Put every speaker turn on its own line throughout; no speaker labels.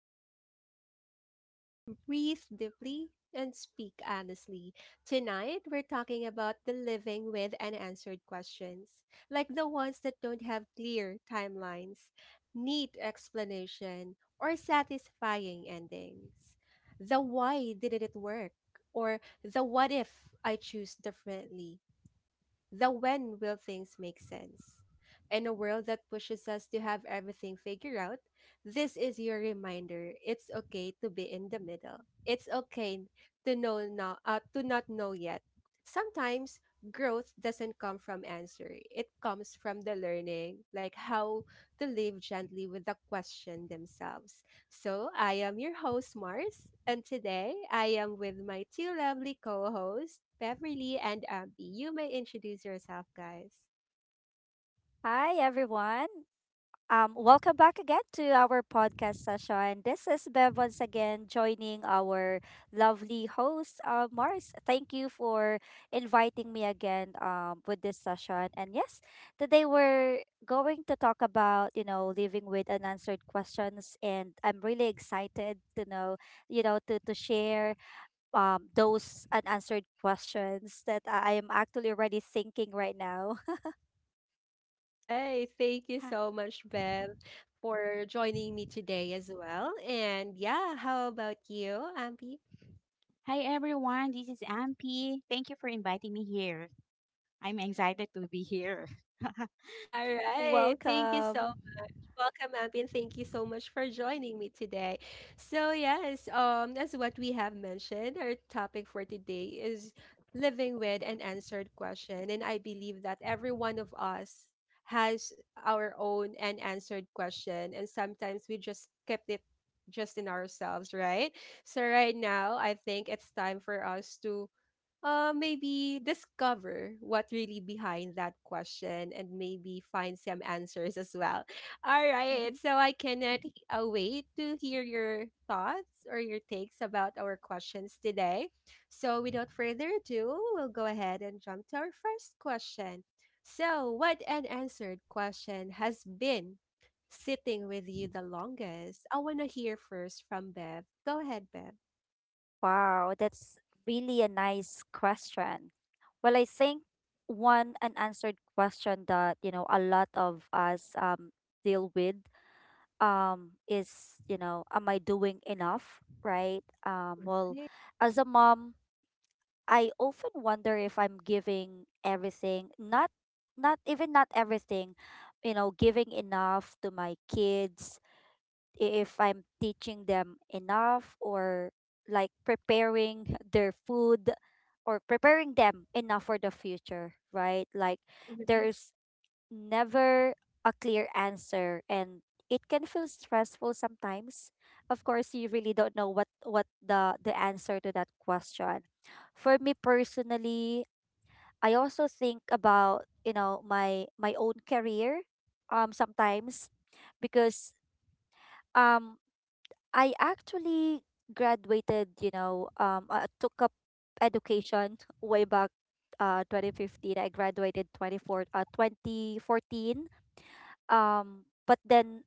space where we slow down, breathe deeply, and speak honestly. Tonight, we're talking about the living with unanswered questions, like the ones that don't have clear timelines, neat explanation, or satisfying endings. The why didn't it work? Or the what if I choose differently? The when will things make sense? In a world that pushes us to have everything figured out, this is your reminder. It's okay to be in the middle. It's okay to know now, to not know yet. Sometimes growth doesn't come from answer. It comes from the learning, like how to live gently with the question themselves. So, I am your host, Mars, and today I am with my two lovely co hosts, Beverly and Ampi. You may introduce yourself, guys.
Hi, everyone. Welcome back again to our podcast session. This is Bev once again joining our lovely host, Mars. Thank you for inviting me again with this session. And yes, today we're going to talk about, you know, living with unanswered questions. And I'm really excited to know, you know, to share those unanswered questions that I am actually already thinking right now.
Right. Thank
Hi
you so much, Bev, for joining me today as well. And yeah, how about you, Ampi?
hi, everyone, this is Ampi. Thank you for inviting me here. I'm excited to be here.
All right. Thank you so.
Welcome.
Welcome, Abby, and thank you so much for joining me today. So, yes, as what we have mentioned, our topic for today is living with an answered question, and I believe that every one of us has our own unanswered question, and sometimes we just kept it just in ourselves, right? So, right now, I think it's time for us to maybe discover what really behind that question and maybe find some answers as well. All right.
Mhm.
So I cannot wait to hear your thoughts or your takes about our questions today. So without further ado, we'll go ahead and jump to our first question. So, what unanswered question has been sitting with you the longest? I want to hear first from Bev. Go ahead, Bev.
Wow, that's really a nice question. Well, I think one unanswered question that, you know, a lot of us deal with is, you know, am I doing enough, right? Well, as a mom, I often wonder if I'm giving everything, not even not everything, you know, giving enough to my kids, if I'm teaching them enough or like preparing their food or preparing them enough for the future, right? Like
Right.
there's never a clear answer, and it can feel stressful sometimes. Of course, you really don't know what the answer to that question. For me personally, I also think about, you know, my own career sometimes, because um I actually graduated, you know, I took up education way back 2015. I graduated 24 uh 2014. But then,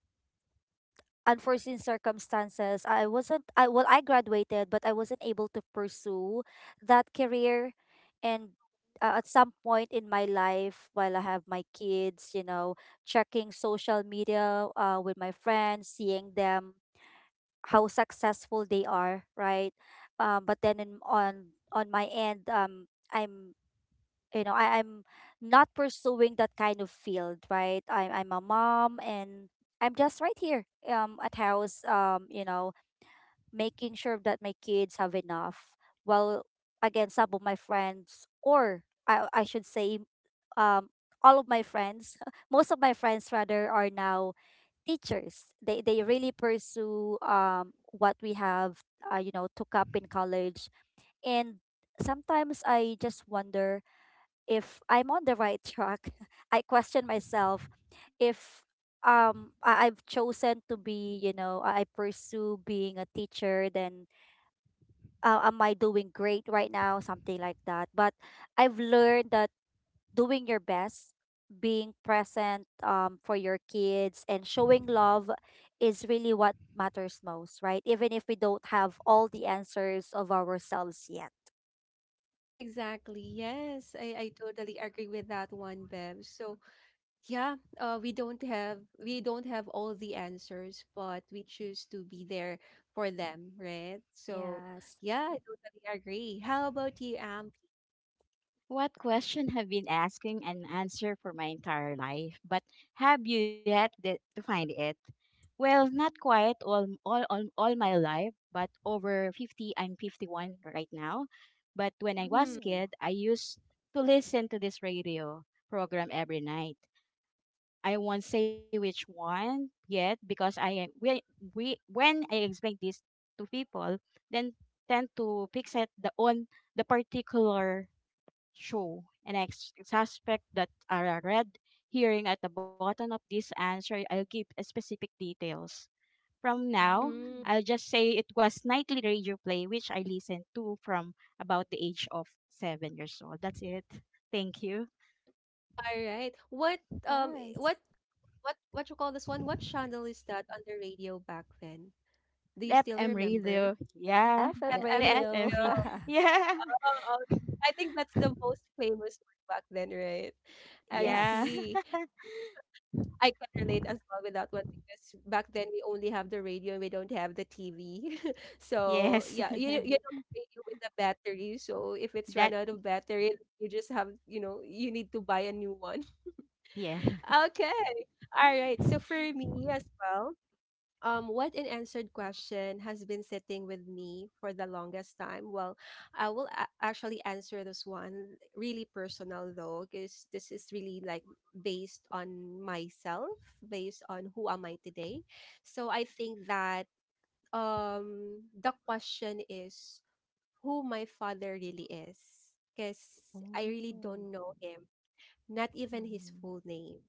unforeseen circumstances, I wasn't I well, I graduated, but I wasn't able to pursue that career. And at some point in my life while I have my kids, you know, checking social media with my friends, seeing them how successful they are, right? But then in, on my end, I'm, you know, I'm not pursuing that kind of field, right? I'm a mom, and I'm just right here at house, you know, making sure that my kids have enough. While again, some of my friends, I should say um all of my friends, most of my friends rather, are now teachers. They really pursue what we have, you know, took up in college, and sometimes I just wonder if I'm on the right track. I question myself if I've chosen to be, you know, I pursue being a teacher, then am I doing great right now? Something like that. But I've learned that doing your best, being present for your kids, and showing love is really what matters most, right? Even if we don't have all the answers of ourselves yet.
Exactly. Yes, I totally agree with that one, Bev. So yeah, we don't have all the answers, but we choose to be there for them, right? So
Yes.
yeah, I totally agree. How about you, Amp?
What question have been asking an answer for my entire life, but have you yet to find it? Well, not quite all my life, but over 50, I'm 51 right now. But when I
Mm-hmm.
was
Ooh.
kid, I used to listen to this radio program every night. I won't say which one yet because I we when I explain this to people, then tend to fixate the on the particular show, and I suspect that a red hearing at the bottom of this answer. I'll give a specific details. From now,
Mm.
Mm.
I'll just say it was nightly radio play which I listened to from about the age of 7 years old. That's it. Thank you.
All right. What um
Nice.
i- what what you call this one? What channel is that on the radio back then? Do
The
you still
FM
remember?
radio. Yeah.
FM
Yeah. The
FM
radio.
radio.
FMV, yeah.
Oh, I think that's the most famous one back then, right? I
Yeah.
Yes.
see. I can relate as well with that one because back then we only have the radio and we don't have the TV. So
Yes.
yeah, you know the radio with the battery. So if it's run
That
out of battery, you just have you know you need to buy a new one.
yeah.
Okay. All right. So for me as well. What unanswered question has been sitting with me for the longest time? Well, I will actually answer this one really personal though, because this is really like based on myself, based on who am I today. So I think that the question is who my father really is, because I really
Oh,
don't know him, not even his
Mm.
full name.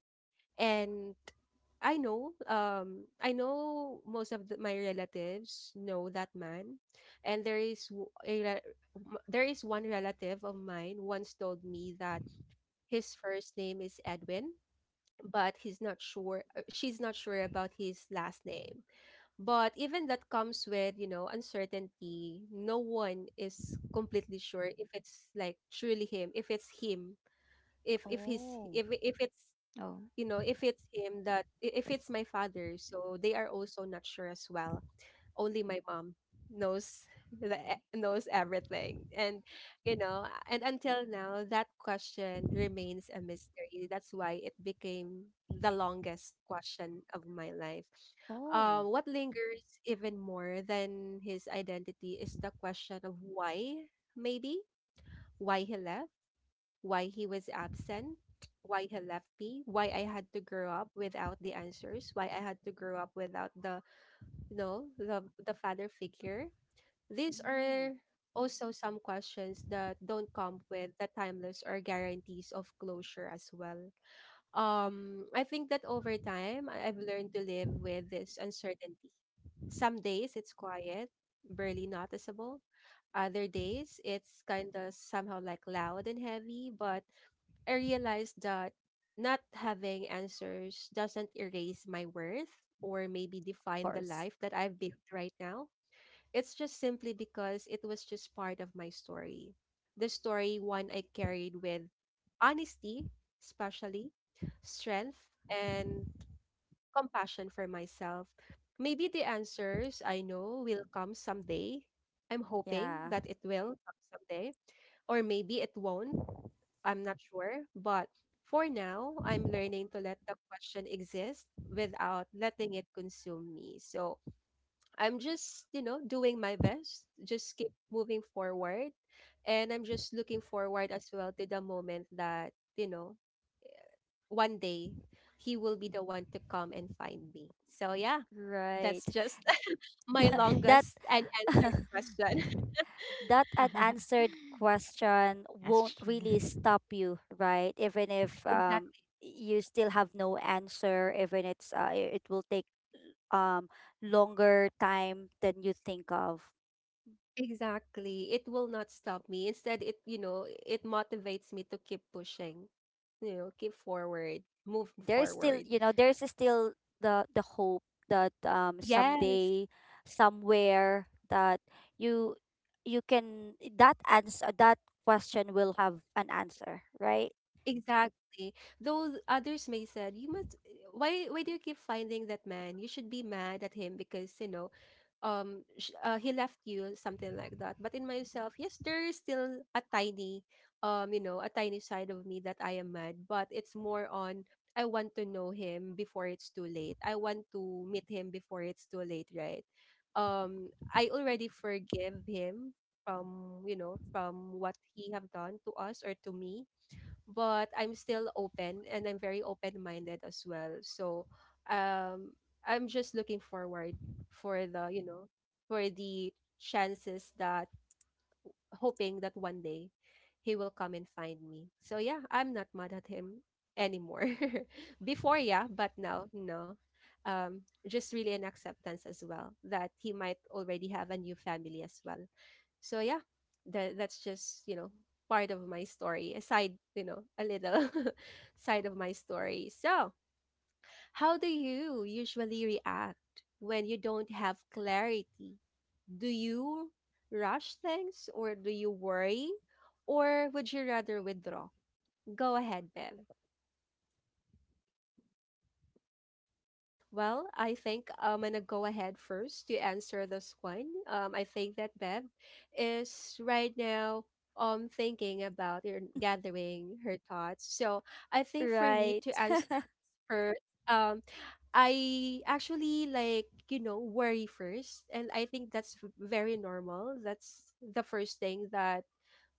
And I know most of the, my relatives know that man, and there is there is one relative of mine once told me that his first name is Edwin, but he's not sure. She's not sure about his last name. But even that comes with you know uncertainty. No one is completely sure if it's like truly him, if it's him, if if he's
oh,
if if it's
Oh.
you know if it's him that if it's my father, so they are also not sure as well. Only my mom knows knows everything, and you know, and until now that question remains a mystery. That's why it became the longest question of my life.
oh.
What lingers even more than his identity is the question of why. Maybe why he left, why he was absent, why he left me, why I had to grow up without the answers, why I had to grow up without the you know the father figure. These
Mm.
are also some questions that don't come with the timeless or guarantees of closure as well. I think that over time, I've learned to live with this uncertainty. Some days it's quiet, barely noticeable. Other days it's kind of somehow like loud and heavy, but I realized that not having answers doesn't erase my worth or maybe
Of
define the
course.
life that I've built right now. It's just simply because it was just part of my story. The story one I carried with honesty, especially strength and compassion for myself. Maybe the answers I know will come someday. I'm hoping
Yeah.
that it will come someday, or maybe it won't. I'm not sure. But for now, I'm learning to let the question exist without letting it consume me. So I'm just, you know, doing my best, just keep moving forward. And I'm just looking forward as well to the moment that, you know, one day he will be the one to come and find me. So, yeah,
Right.
that's just my
Right.
That
longest and answered question.
that unanswered question
Yes,
won't
true.
really stop you, right? Even if
Exactly.
you still have no answer, even it's it will take um longer time than you think of.
Exactly. It will not stop me. Instead, it, you know, it motivates me to keep pushing, you know, keep forward, move
There's still,
forward.
you know, there's still the hope that
Yes.
someday, somewhere, that you you can, that answer, that question will have an answer, right?
Exactly. Though others may said, you must why do you keep finding that man? You should be mad at him because, you know, he left you something like that. But in myself, yes, there is still a tiny you know, a tiny side of me that I am mad, but it's more on I want to know him before it's too late. I want to meet him before it's too late, right? I already forgive him from, you know, from what he have done to us or to me, but I'm still open and I'm very open-minded as well. So, um, I'm just looking forward for the, you know, for the chances that hoping that one day he will come and find me. So yeah, I'm not mad at him anymore. Before, yeah, but now, no. Just really an acceptance as well that he might already have a new family as well. So yeah, that that's just you know part of my story, aside you know a little side of my story. So how do you usually react when you don't have clarity? Do you rush things, or do you worry, or would you rather withdraw? Go ahead, Bev. Well, I think I'm gonna go ahead first to answer this one. I think that Bev is right now thinking about or gathering her thoughts. So I think for me
Right.
to answer first, um, I actually like you know worry first, and I think that's very normal. That's the first thing that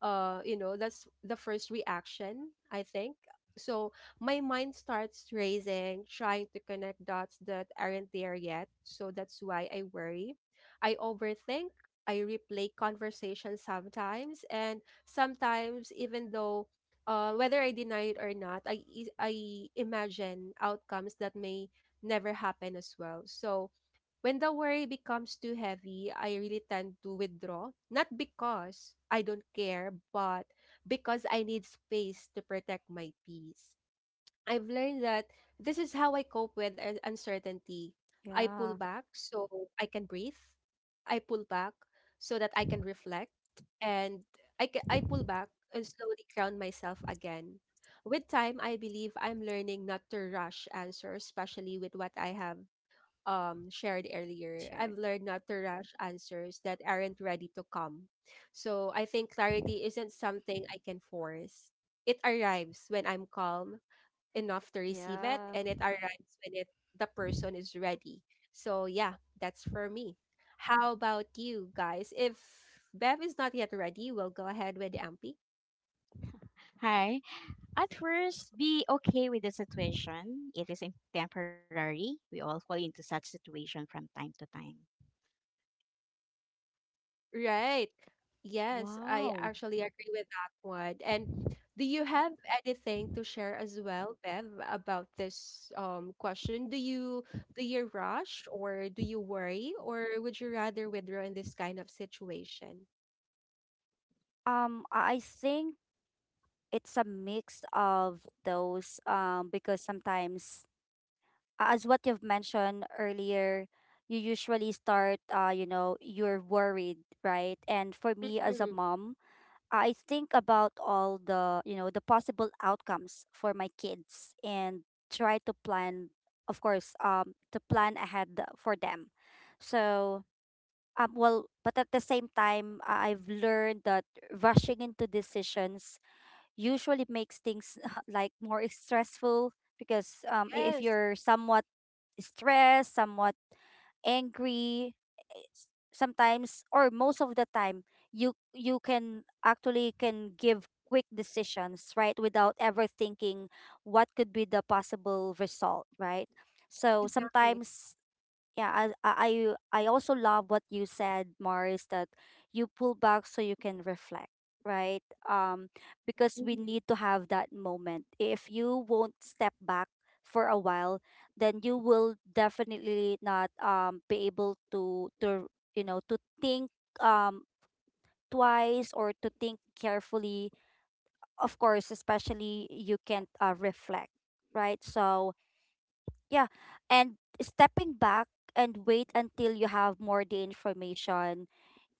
you know that's the first reaction I think. So my mind starts racing trying to connect dots that aren't there yet, so that's why I worry, I overthink, I replay conversations sometimes. And sometimes even though whether I deny it or not, I imagine outcomes that may never happen as well. So, when the worry becomes too heavy, I really tend to withdraw. Not because I don't care, but because I need space to protect my peace. I've learned that this is how I cope with
Yeah.
uncertainty. I pull back so I can breathe. I pull back so that I can reflect. And I pull back and slowly ground myself again. With time, I believe I'm learning not to rush answers, especially with what I have shared earlier,
Shared.
I've learned not to rush answers that aren't ready to come. So I think clarity isn't something I can force. It arrives when I'm calm enough to receive it,
Yeah.
and it arrives when it the person is ready. So yeah, that's for me. How about you guys? If Bev is not yet ready, we'll go ahead with Ampi.
Hi. At first, be okay with the situation. It is temporary. We all fall into such situation from time to time.
Right. Yes, I
Wow.
actually agree with that one. And do you have anything to share as well, Bev, about this question? Do you rush, or do you worry, or would you rather withdraw in this kind of situation?
I think it's a mix of those, because sometimes, as what you've mentioned earlier, you usually start, you know, you're worried, right? And for me as a
Hmm.
mom, I think about all the, you know, the possible outcomes for my kids and try to plan, of course, to plan ahead for them. So, well, but at the same time, I've learned that rushing into decisions usually makes things like more stressful, because if
Yes,
you're someone stressed, somewhat angry, sometimes or most of the time, you can actually can give quick decisions, right, without ever thinking what could be the possible result, right? So
exactly.
sometimes, yeah, I also love what you said, Mars, that you pull back so you can reflect, right? Because we
Hmm.
need to have that moment. If you won't step back for a while, then you will definitely not be able to you know, to think um twice or to think carefully, of course. Especially, you can't reflect, right? So yeah, and stepping back and wait until you have more the information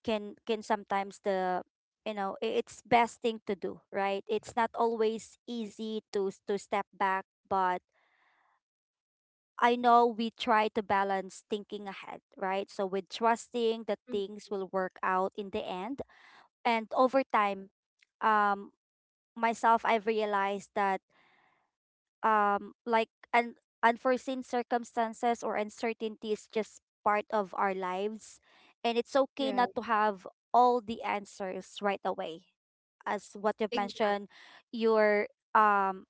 can sometimes the, you know, it's best thing to do, right? It's not always easy to to step back, but I know we try to balance thinking ahead, right? So, with trusting that things will work out in the end. And over time, um, myself, I've realized that like unforeseen circumstances or uncertainty is just part of our lives, and it's okay not
Right.
to have all the answers right away. As what you've
Exact.
mentioned, you're um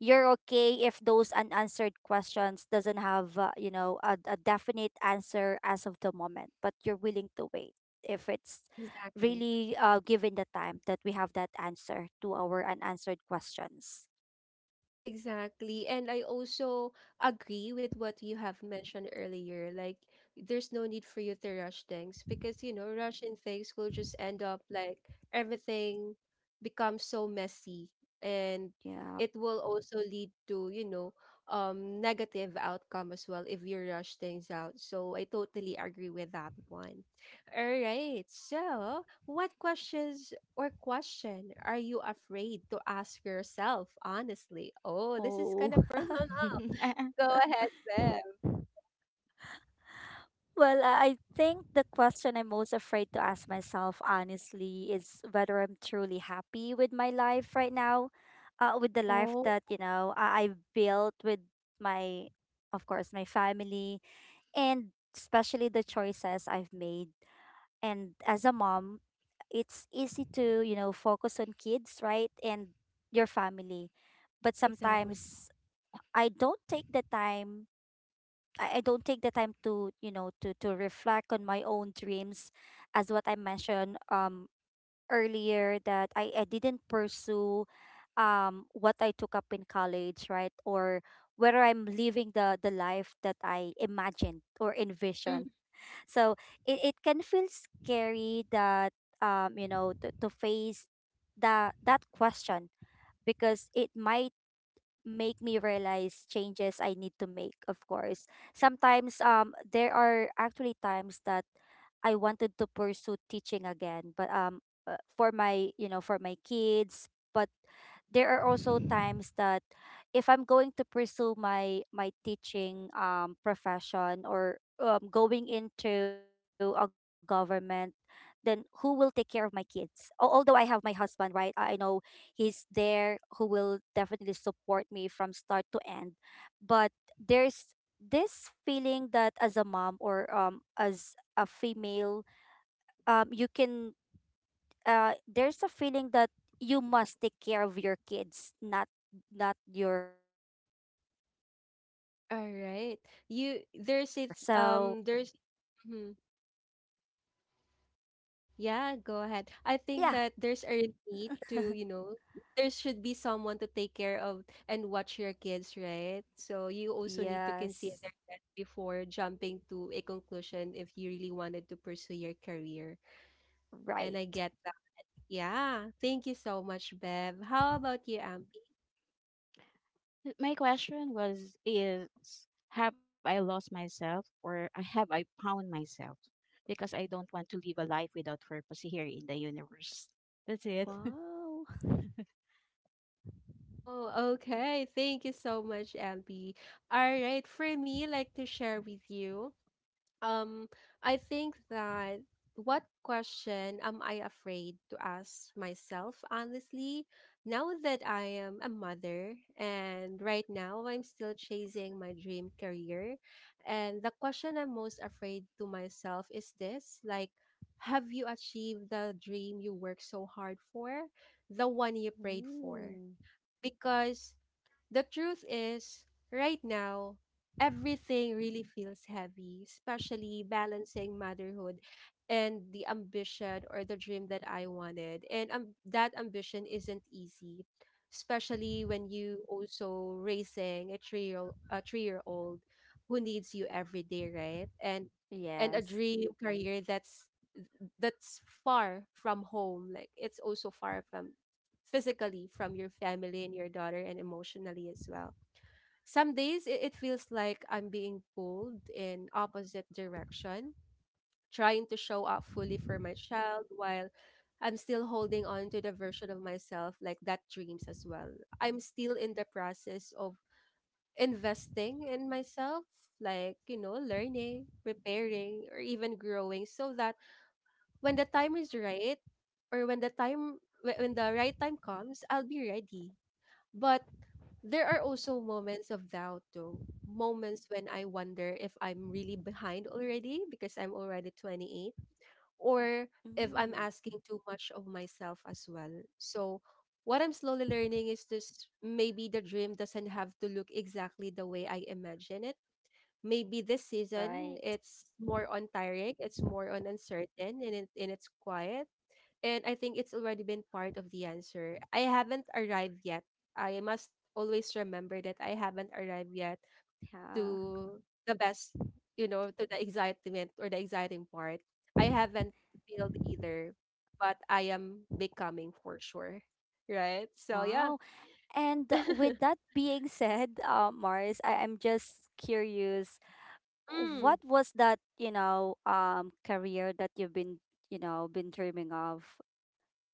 you're okay if those unanswered questions doesn't have, you know, a definite answer as of the moment, but you're willing to wait if it's
Exactly.
really, given the time, that we have that answer to our unanswered questions.
Exactly. And I also agree with what you have mentioned earlier. Like, there's no need for you to rush things because, you know, rushing things will just end up like everything becomes so messy, and
Yeah.
it will also lead to, you know, negative outcome as well if you rush things out. So I totally agree with that one. All right. So, what questions or question are you afraid to ask yourself honestly? Oh, this is kind
Oh.
of personal.
Uh, uh,
Go ahead, Bev.
Well, I think the question I'm most afraid to ask myself honestly is whether I'm truly happy with my life right now, with the life
Oh,
that, you know, I've built with my, of course, my family, and especially the choices I've made. And as a mom, it's easy to, you know, focus on kids, right? And your family. But
exactly.
sometimes I don't take the time, I don't take the time to, you know, to reflect on my own dreams, as what I mentioned earlier, that I didn't pursue what I took up in college, right? Or whether I'm living the life that I imagined or
Mm.
envisioned. So it can feel scary, that you know, to face that question, because it might make me realize changes I need to make, of course. Sometimes there are actually times that I wanted to pursue teaching again, but for my, you know, for my kids. But there are also times that if I'm going to pursue my teaching profession, or going into a government, then who will take care of my kids? Although I have my husband, right? I know he's there, who will definitely support me from start to end. But there's this feeling that as a mom, or as a female, you can, there's a feeling that you must take care of your kids, not, not your husband, or not anyone else,
All
right?
right. You there's it.
So
There's Mhm.
yeah.
Yeah, go ahead. I think that there's a need to, you know, there should be someone to take care of and watch your kids, right? So you also need to
Yes.
consider that before jumping to a conclusion if you really wanted to pursue your career. And I
Right.
get. Yeah, thank you so much, Bev. How about you, Ampi?
My question was is have I lost myself or have I found myself? Because I don't want to live a life without purpose here in the universe. That's it.
Wow.
Oh, okay. Thank you so much, Ampi. All right, for me, like to share with you. Um, I think that what question am I afraid to ask myself, honestly? Now that I am a mother, and right now I'm still chasing my dream career, and the question I'm most afraid to myself is this like, have you achieved the dream you worked so hard for, the one you prayed for?
Ooh.
Because the truth is, right now, everything really feels heavy, especially balancing motherhood and the ambition or the dream that I wanted. And That ambition isn't easy, especially when you also raising a 3 year old who needs you every day, right? And a
Yes.
dream career that's far from home, like it's also far from physically from your family and your daughter and emotionally as well. Some days it feels like I'm being pulled in opposite direction, trying to show up fully for my child while I'm still holding on to the version of myself like that dreams as well. I'm still in the process of investing in myself, like, you know, learning, preparing, or even growing so that when the time is right or when the when the right time comes, I'll be ready. But there are also moments of doubt, though. Moments when I wonder if I'm really behind already because I'm already 28 or if I'm
Mm.
asking too much of myself as well. So, what I'm slowly learning is this maybe the dream doesn't have to look exactly the way I imagine it. Maybe this season
Right.
it's more on tiring, it's more on uncertain, and it's quiet and I think it's already been part of the answer. I haven't arrived yet. I must always remember that I haven't arrived yet
Yeah.
to the best, you know, to the excitement or the exciting part. I haven't failed either, but I am becoming for sure. Right? So yeah.
Wow. And with that being said, Mars, I am just curious,
Mm.
what was that, you know, career that you've been, you know, been dreaming of?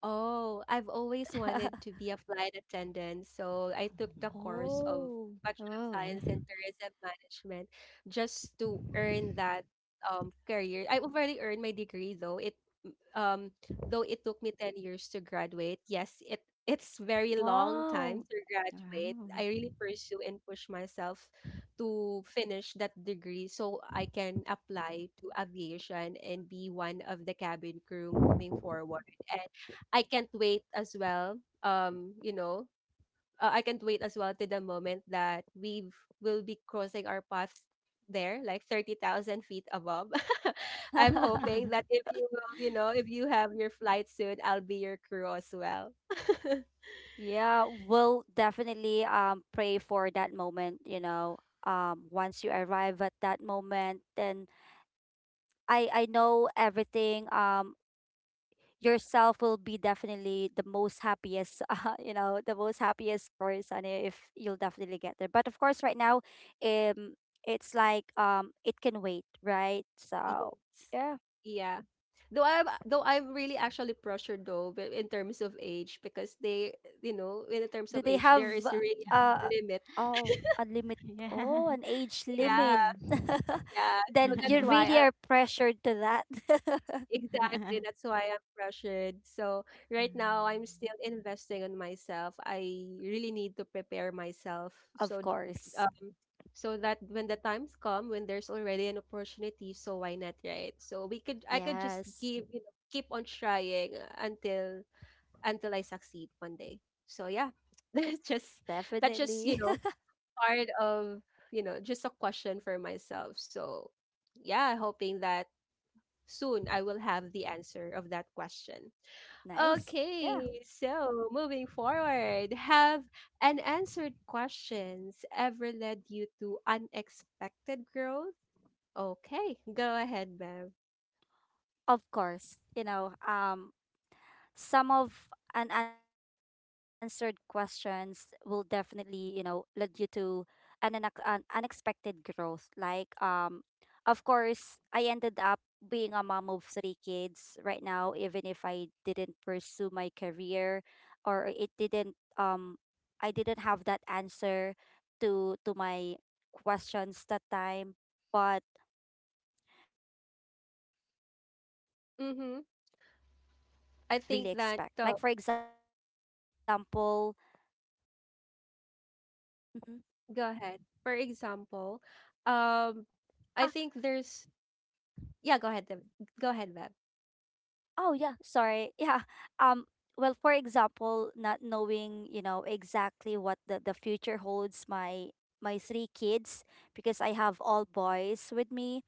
Oh, I've always wanted to be a flight attendant, so I took the
Mhm.
course of
Oh,
Bachelor of
Oh,
Science in Tourism Management just to earn that career. I already earned my degree though. It um though it took me 10 years to graduate. Yes, it's very long time
wow.
to graduate.
wow.
I really pursue and push myself to finish that degree so I can apply to aviation and be one of the cabin crew moving forward. I can't wait as well. You know, I can't wait as well to the moment that we will be crossing our paths there, like 30,000 feet above. I'm hoping that if you will, you know, if you have your flight soon, I'll be your crew as well.
Yeah, we'll definitely pray for that moment, you know. Once you arrive at that moment, then I know everything, yourself will be definitely the most happiest you know, the most happiest person, if you'll definitely get there. But of course, right now, um it's like, it can wait, right? So
Yes.
yeah.
Yeah. Though I'm really actually pressured though but in terms of age because they, you know, in terms
Do
of
they
age
have
there is really
uh
a limit.
oh, a limit?
Yeah.
Oh, an age limit.
Yeah,
Oh.
yeah. So
Then
that's
you
why
really
I.
are pressured to that.
Exactly, that's why I'm pressured. So right now I'm still investing on myself. I really need to prepare myself
Of course.
uh, so that when the times come when there's already an opportunity, so why not, right? So we could I could just
Yes.
give, you know, keep on trying until I succeed one day. So yeah, that's just that's just, you
Definitely.
know, part of, you know, just a question for myself. So yeah, hoping that soon I will have the answer of that question.
Nice. Yeah.
Okay, so moving forward, have unanswered questions ever led you to unexpected growth? Okay, go ahead, Bev.
Of course, you know, some of unanswered questions will definitely, you know, lead you to an, an unexpected growth. Like, of course, I ended up being a mom of three kids right now, even if I didn't pursue my career, or it didn't, I didn't have that answer to my questions that time. But um I also grow in some
Mm-hmm.
ways that I didn't really
I think
expect.
that,
Like for example, mhm.
go ahead. For example,
Ah.
um, I think there's, yeah, go ahead, Bev. Go ahead, Bev.
Oh yeah, sorry. Yeah. Um well, for example, not knowing, you know, exactly what the future holds my my three kids, because I have all boys with me,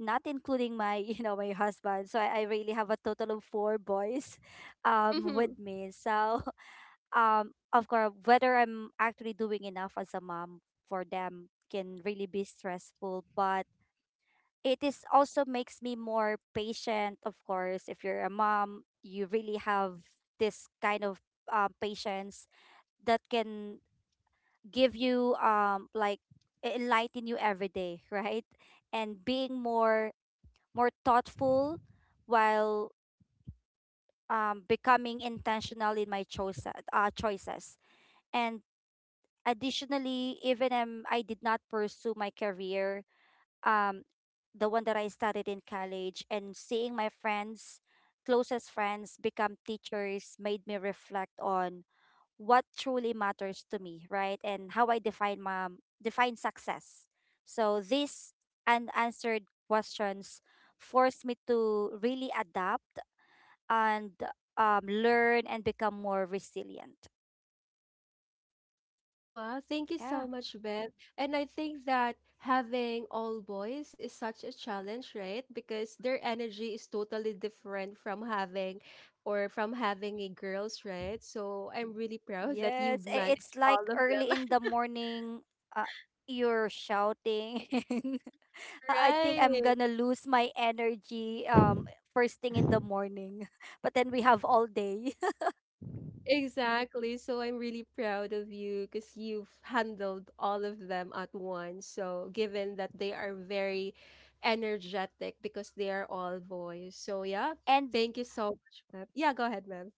not including my, you know, my husband. So I really have a total of four boys with me. So, of course, whether I'm actually doing enough as a mom for them, can really be stressful. But it is also makes me more patient. Of course, if you're a mom, you really have this kind of patience that can give you like, enlighten you every day, right? And being more, more thoughtful, while becoming intentional in my choices, and additionally, even I did not pursue my career, um, the one that I studied in college, and seeing my friends, closest friends, become teachers made me reflect on what truly matters to me, right? And how I define my define success. So these unanswered questions forced me to really adapt and learn and become more resilient.
Wow, thank you
Yeah.
so much, Bev. And I think that having all boys is such a challenge, right? Because their energy is totally different from having or from having a girls, right? So I'm really proud that you
Yes, I-
manage
it's
all of
like early
them.
in the morning, uh, you're shouting. I think I'm
Right.
gonna lose my energy first thing in the morning. But then we have all day.
Exactly. So I'm really proud of you because you've handled all of them at once. So given that they are very energetic because they are all boys. So yeah,
And
thank you so much, ma'am. Yeah, go ahead, ma'am.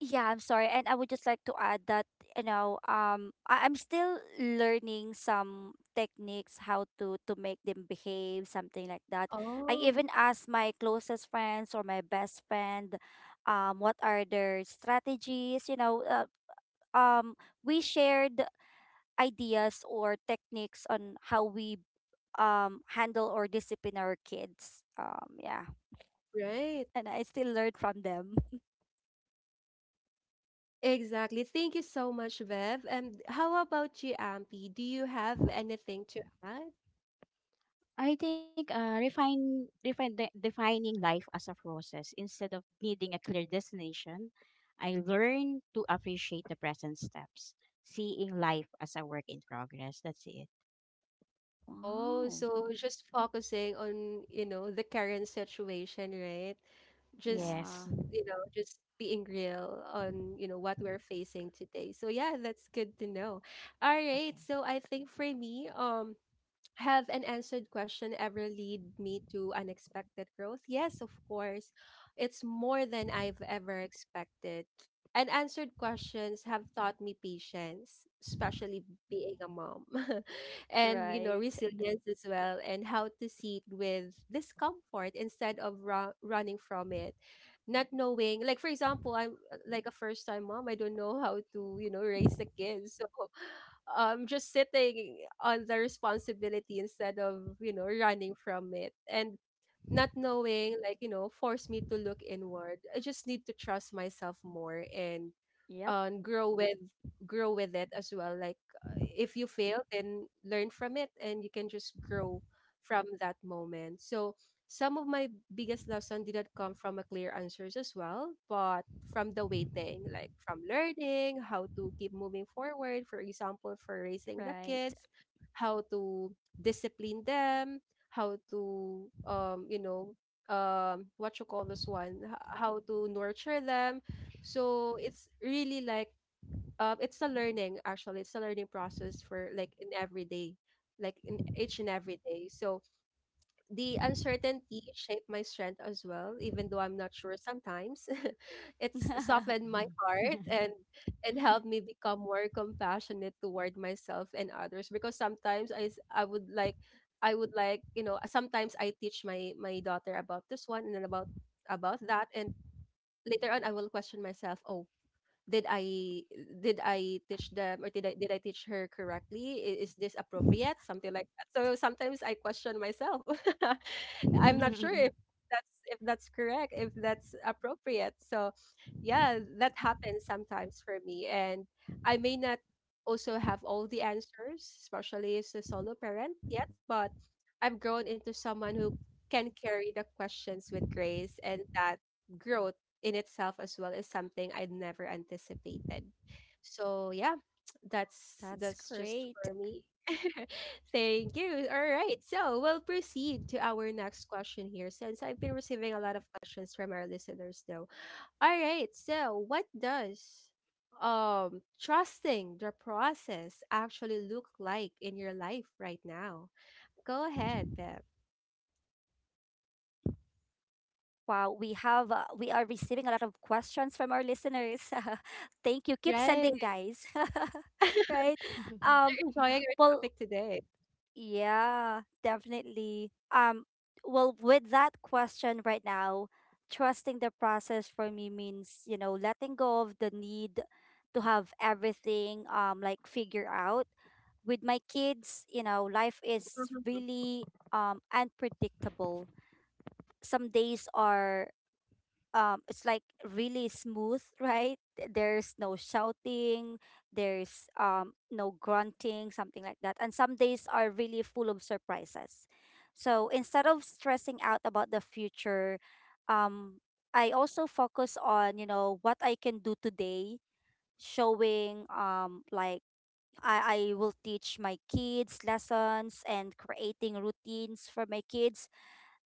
yeah, I'm sorry. And I would just like to add that, I'm still learning some techniques how to make them behave, something like that. I
Oh,
even asked my closest friends or my best friend what are their strategies, um, we shared ideas or techniques on how we handle or discipline our kids. Yeah,
right.
and I still learn from them.
Exactly. Thank you so much, Bev. And how about you, Ampi? Do you have anything to add?
I think defining life as a process instead of needing a clear destination. I learned to appreciate the present steps, seeing life as a work in progress. That's it.
Oh,
Wow.
so just focusing on, you know, the current situation, right? Just,
Yeah.
Yes.
you know, just being real on, you know, what we're facing today. So yeah, that's good to know. All right. So
Okay.
I think for me, have an answered question ever lead me to unexpected growth? Yes, of course. It's more than I've ever expected. And answered questions have taught me patience, especially being a mom, and you know,
Right.
resilience as well, and how to sit with discomfort instead of running from it. Not knowing, like for example, I'm like a first time mom, I don't know how to, you know, raise a kid. So just sitting on the responsibility instead of, you know, running from it and not knowing, like, you know, forced me to look inward. I just need to trust myself more and
Yep.
um, grow with grow with it as well. Like if you fail then learn from it and you can just grow from that moment. So some of my biggest lesson didn't come from a clear answers as well, but from the waiting, like from learning how to keep moving forward, for example, for raising the
Right.
kids, how to discipline them, how to you know, what you call this one, how to nurture them. So it's really like it's a learning actually, it's a learning process for like in every day, like in each and every day. So the uncertainty shaped my strength as well, even though I'm not sure sometimes. It's softened my heart and helped me become more compassionate toward myself and others because sometimes I would like you know, sometimes I teach my my daughter about this one and then about that and later on I will question myself, "Oh, did I did I teach them or did I teach her correctly? Is this appropriate?" Something like that. So sometimes I question myself. I'm not sure if that's correct, if that's appropriate. So yeah, that happens sometimes for me. And I may not also have all the answers, especially as a solo parent yet, but I've grown into someone who can carry the questions with grace and that growth in itself as well is something I'd never anticipated. So yeah,
That's
that's just
great.
for me. Thank you. All right. So we'll proceed to our next question here since I've been receiving a lot of questions from our listeners though. All right. So what does trusting the process actually look like in your life right now? Go ahead, Beb.
Wow. We have, we are receiving a lot of questions from our listeners. Thank you. Keep sending,
Right.
guys. Right. Um,
They're enjoying our
well,
topic today.
yeah, definitely. Well, with that question right now, trusting the process for me means, you know, letting go of the need to have everything like figure out with my kids. You know, life is really unpredictable. Some days are it's like really smooth, right? There's no shouting, there's no grunting, something like that. And some days are really full of surprises. So instead of stressing out about the future, um I also focus on, you know, what I can do today, showing like I will teach my kids lessons and creating routines for my kids.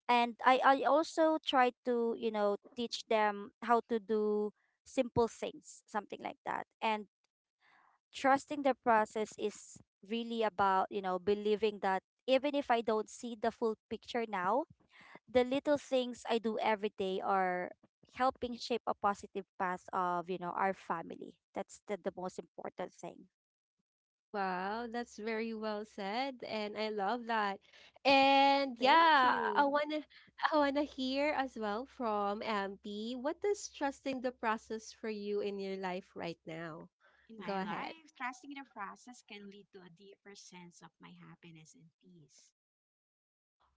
And I also try to, you know, teach them how to do simple things, something like that. And trusting the process is really about, you know, believing that even if I don't see the full picture now, the little things I do every day are helping shape a positive path of, you know, our family. That's the most important thing.
Wow, that's very well said, and I love that. And
Thank
yeah,
you.
I wanna hear as well from MP. What does trusting the process for you in your life right now? Go
In my
ahead.
life, trusting the process can lead to a deeper sense of my happiness and peace.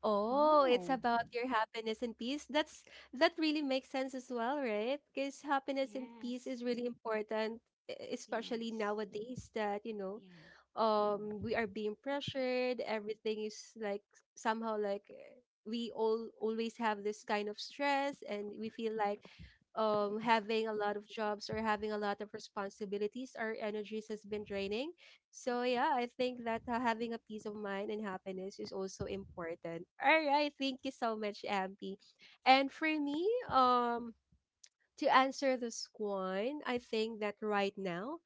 Oh, it's
Wow.
about your happiness and peace. That really makes sense as well, right? Because happiness and peace is
Yes.
really important, especially
Yes.
nowadays that, you know,
Yes.
we are being pressured, everything is like somehow like we all always have this kind of stress and we feel like having a lot of jobs or having a lot of responsibilities, our energies has been draining. So yeah, I think that having a peace of mind and happiness is also important. All right, thank you so much, Ampi. And for me, to answer this one, I think that right now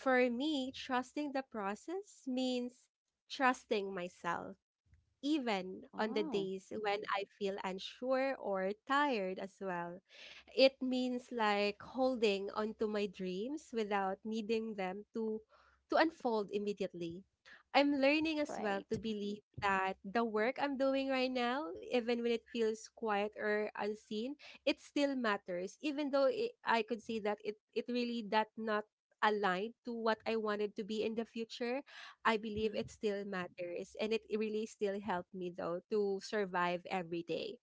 for me, trusting the process means trusting myself even on the
Wow,
days when I feel unsure or tired as well. It means like holding onto my dreams without needing them to unfold immediately. I'm learning as well
right.
to believe that the work I'm doing right now, even when it feels quiet or unseen, it still matters. Even though I could see that it really that not aligned to what I wanted to be in the future, I believe
Mhm.
it still matters and it really still helped me though to survive every day.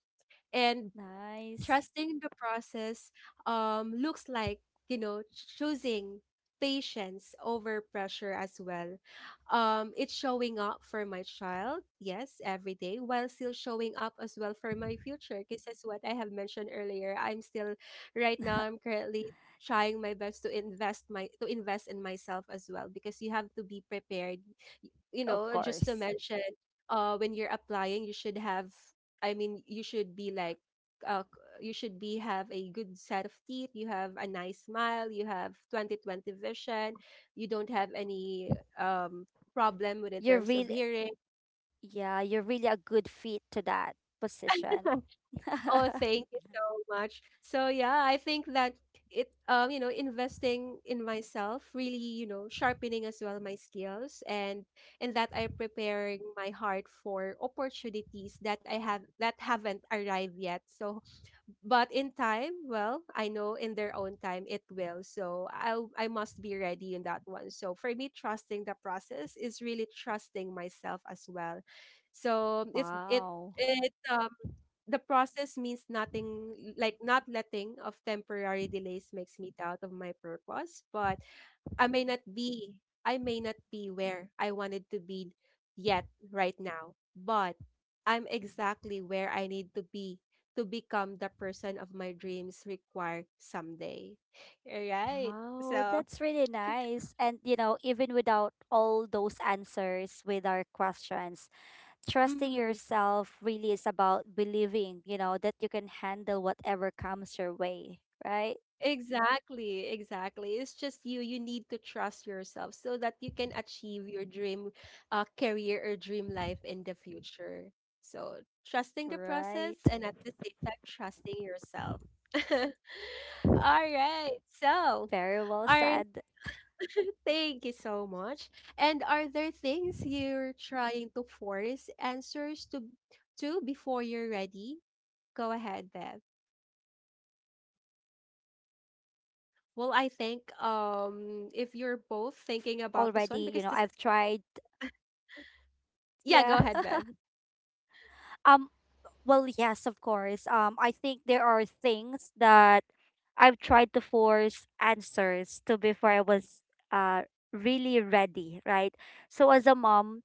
And
Nice.
trusting the process looks like, you know, choosing patience over pressure as well. It's showing up for my child, yes, every day, while still showing up as well for my future. Because that's what I have mentioned earlier. I'm still, right now, I'm currently trying my best to invest my to invest in myself as well, because you have to be prepared. You
Of
know, just to
course.
mention, when you're applying you should have you should be like, uh you should be have a good set of teeth, you have a nice smile, you have 20/20 vision, you don't have any problem with in
You're
terms of
really,
hearing.
yeah, you're really a good fit to that position.
Oh, thank you so much. So yeah, I think that it investing in myself, really, sharpening as well my skills, and that I preparing my heart for opportunities that I have that haven't arrived yet. So but in time, well, I know in their own time it will. So I must be ready in that one. So for me, trusting the process is really trusting myself as well. So it's it
Wow.
it the process means nothing, like not letting of temporary delays makes me doubt of my purpose. But I may not be I may not be where I wanted to be yet right now, but I'm exactly where I need to be to become the person of my dreams require someday. Right.
Wow,
So,
that's really nice. And, you know, even without all those answers with our questions, trusting
mhm,
yourself really is about believing, you know, that you can handle whatever comes your way, right?
exactly, exactly. It's just you. You need to trust yourself so that you can achieve your dream career, or dream life in the future. So, trusting the
Right.
process, and at the same time, trusting yourself. All right. So,
Very well
our —
said.
Thank you so much. And are there things you're trying to force answers to before you're ready? Go ahead, Beth.
Yes, I think
Well,
there
I
are
think
things I've
if you're
already,
both
you know, I've
thinking about
tried.
this one, because this is —
Yeah.
yeah, go ahead, Bev.
Um well, yes, of course. I think there are things that I've tried to force answers to before I was uh really ready, right? So as a mom,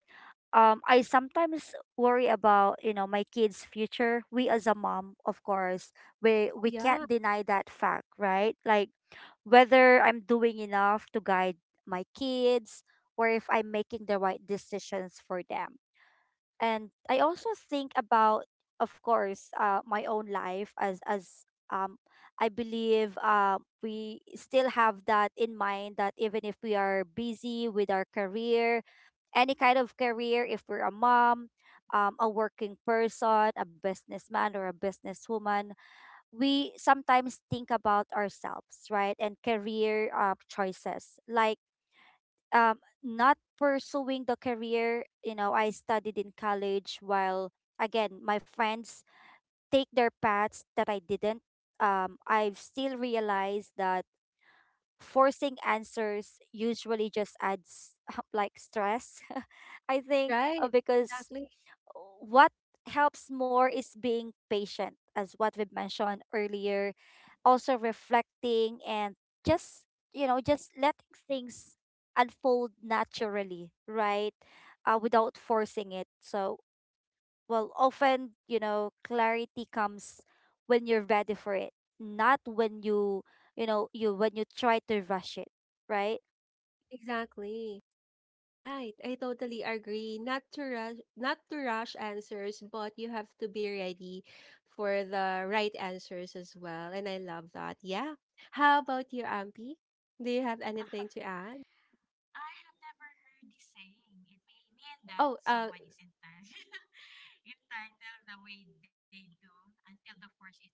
I sometimes worry about, you know, my kids' future. We as a mom, of course, we
Oh
we
yeah,
can't deny that fact, right? Like whether I'm doing enough to guide my kids or if I'm making the right decisions for them. And I also think about, of course, my own life as um, I believe we still have that in mind that even if we are busy with our career, any kind of career, if we're a mom, a working person, a businessman or a businesswoman, we sometimes think about ourselves, right? And career choices like not pursuing the career, you know, I studied in college, while again my friends take their paths that I didn't. I've still realized that forcing answers usually just adds like stress. I think,
right.
because
Exactly.
what helps more is being patient, as what we've mentioned earlier, also reflecting and just, you know, just letting things unfold naturally, right, without forcing it. So well, often, you know, clarity comes when you're ready for it, not when you when you try to rush it, right?
Exactly. Right, I totally agree. Not to rush, not to rush answers, but you have to be ready for the right answers as well. And I love that. Yeah. How about you, Ampi? Do you have anything to add?
I have never heard this saying. It may mean
Oh,
that someone is entitled, entitled the way they do until they force it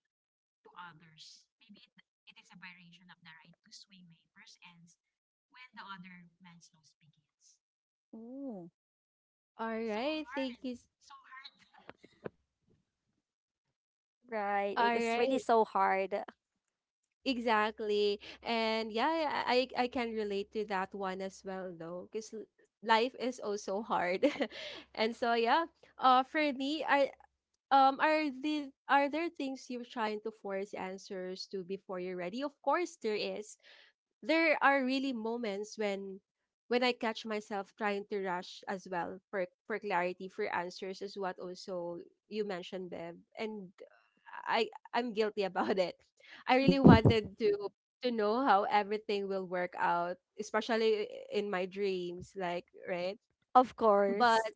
to others. Maybe it is a variation of the right to sway my purse ends when the other man's nose begins.
Ooh.
all
So
right. Thank you.
hard, so hard.
Right,
All
it is really
right,
so hard.
exactly. And yeah, I can relate to that one as well, though, because life is also hard. And so yeah, for me, I are the are there things you're trying to force answers to before you're ready? Of course there is. There are really moments when I catch myself trying to rush as well for clarity, for answers, is what also you mentioned, Bev. And I'm guilty about it. I really wanted to know how everything will work out, especially in my dreams, like, right?
Of
But.
course.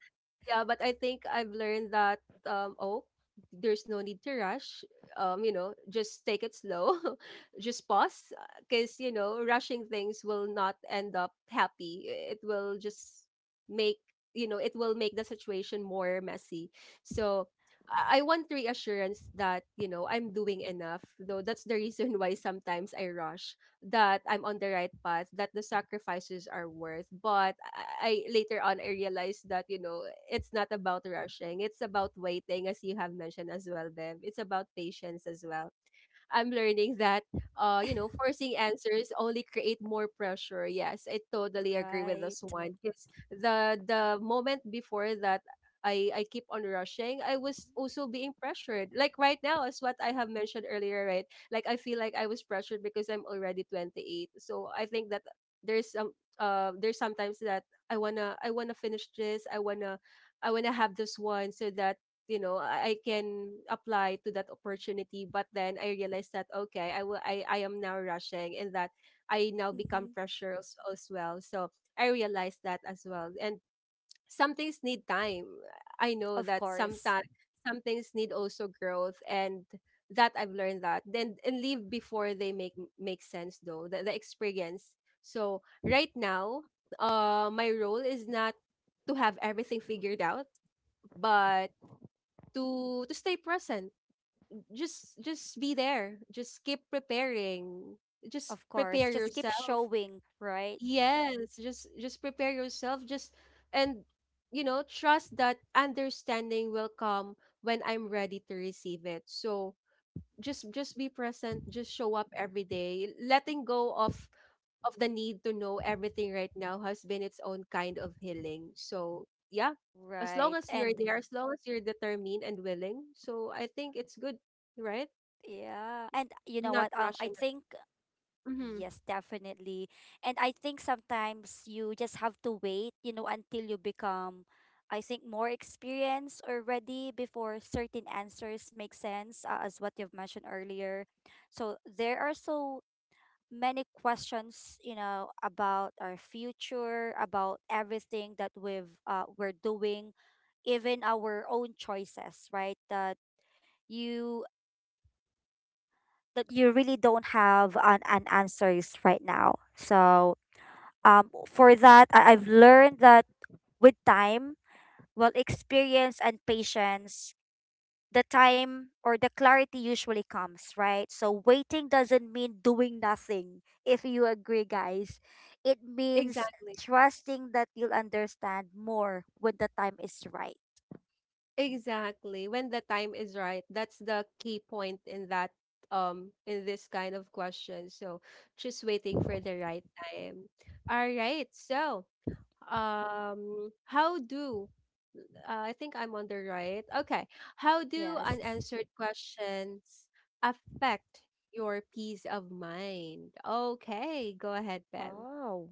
Yeah, but I think I've learned that oh, there's no need to rush. You know, just take it slow. Just pause, because, you know, rushing things will not end up happy. It will just make — you know, it will make the situation more messy. So I want reassurance that, you know, I'm doing enough. Though that's the reason why sometimes I rush, that I'm on the right path, that the sacrifices are worth. But later on I realized that, you know, it's not about rushing. It's about waiting, as you have mentioned as well, Bev. It's about patience as well. I'm learning that, you know, forcing answers only create more pressure. Yes, I totally agree with this
Right.
one. Because the moment before that, I keep on rushing, I was also being pressured. Like right now, as what I have mentioned earlier, right? Like I feel like I was pressured because I'm already 28. So I think that there's some there's sometimes that I wanna finish this. I wanna have this one so that, I can apply to that opportunity, but then I realized that, okay, I will — I am now rushing, and that I now become
Hmm.
pressure as well. So I realized that as well, and some things need time. I know
Of
that
course.
sometimes some things need also growth, and that I've learned that, then and leave before they make make sense though the experience. So right now, my role is not to have everything figured out, but to stay present. Just be there. Just keep preparing. Just
Of
prepare
course, just keep
yourself.
showing, right.
Yes, just prepare yourself. Just And, you know, trust that understanding will come when I'm ready to receive it. So, just be present, just show up every day. Letting go of the need to know everything right now has been its own kind of healing. So yeah, as long
Right.
as you're
And
there, as long as you're determined and willing, so I think it's good. Right.
yeah. And you know
Not
what? I
rushing it.
think
Mm-hmm.
yes, definitely. And I think sometimes you just have to wait, you know, until you become, I think, more experienced or ready before certain answers make sense, as what you've mentioned earlier. So there are so many questions, you know, about our future, about everything that we're doing, even our own choices, right? You that you really don't have an answers right now. So for that I've learned that with time, well, experience and patience, the time or the clarity usually comes, right? So waiting doesn't mean doing nothing, if you agree, guys. It means
Exactly.
trusting that you'll understand more when the time is right.
Exactly, when the time is right. That's the key point in that — in this kind of question. So, just waiting for the right time. All right. So, how do I think I'm on the right. Okay. How do
Yes.
unanswered questions affect your peace of mind? Okay, go ahead, Bev.
Wow.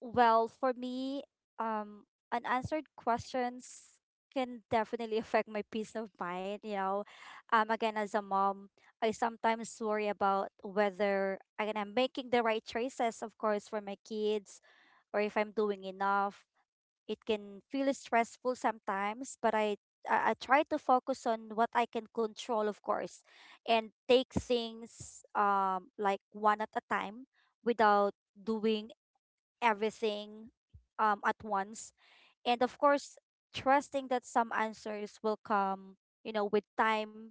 Well, for me, um, unanswered questions can definitely affect my peace of mind. You know, again, as a mom, I sometimes worry about whether again I'm making the right choices, of course, for my kids, or if I'm doing enough. It can feel stressful sometimes, but I try to focus on what I can control, of course, and take things like one at a time without doing everything at once. And of course, trusting that some answers will come, you know, with time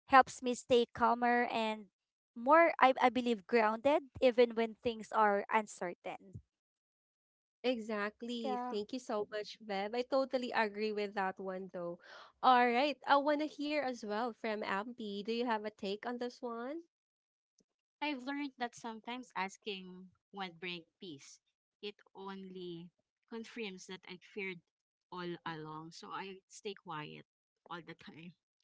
helps me stay calmer and more, I believe, grounded, even when things are uncertain.
Exactly.
Yeah.
Thank you so much, Bev. I totally agree with that one though. All right. I want to hear as well from Ampi. Do you have a take on this one?
I've learned that sometimes asking won't bring peace. It only confirms that I feared all along. So I stay quiet all the time.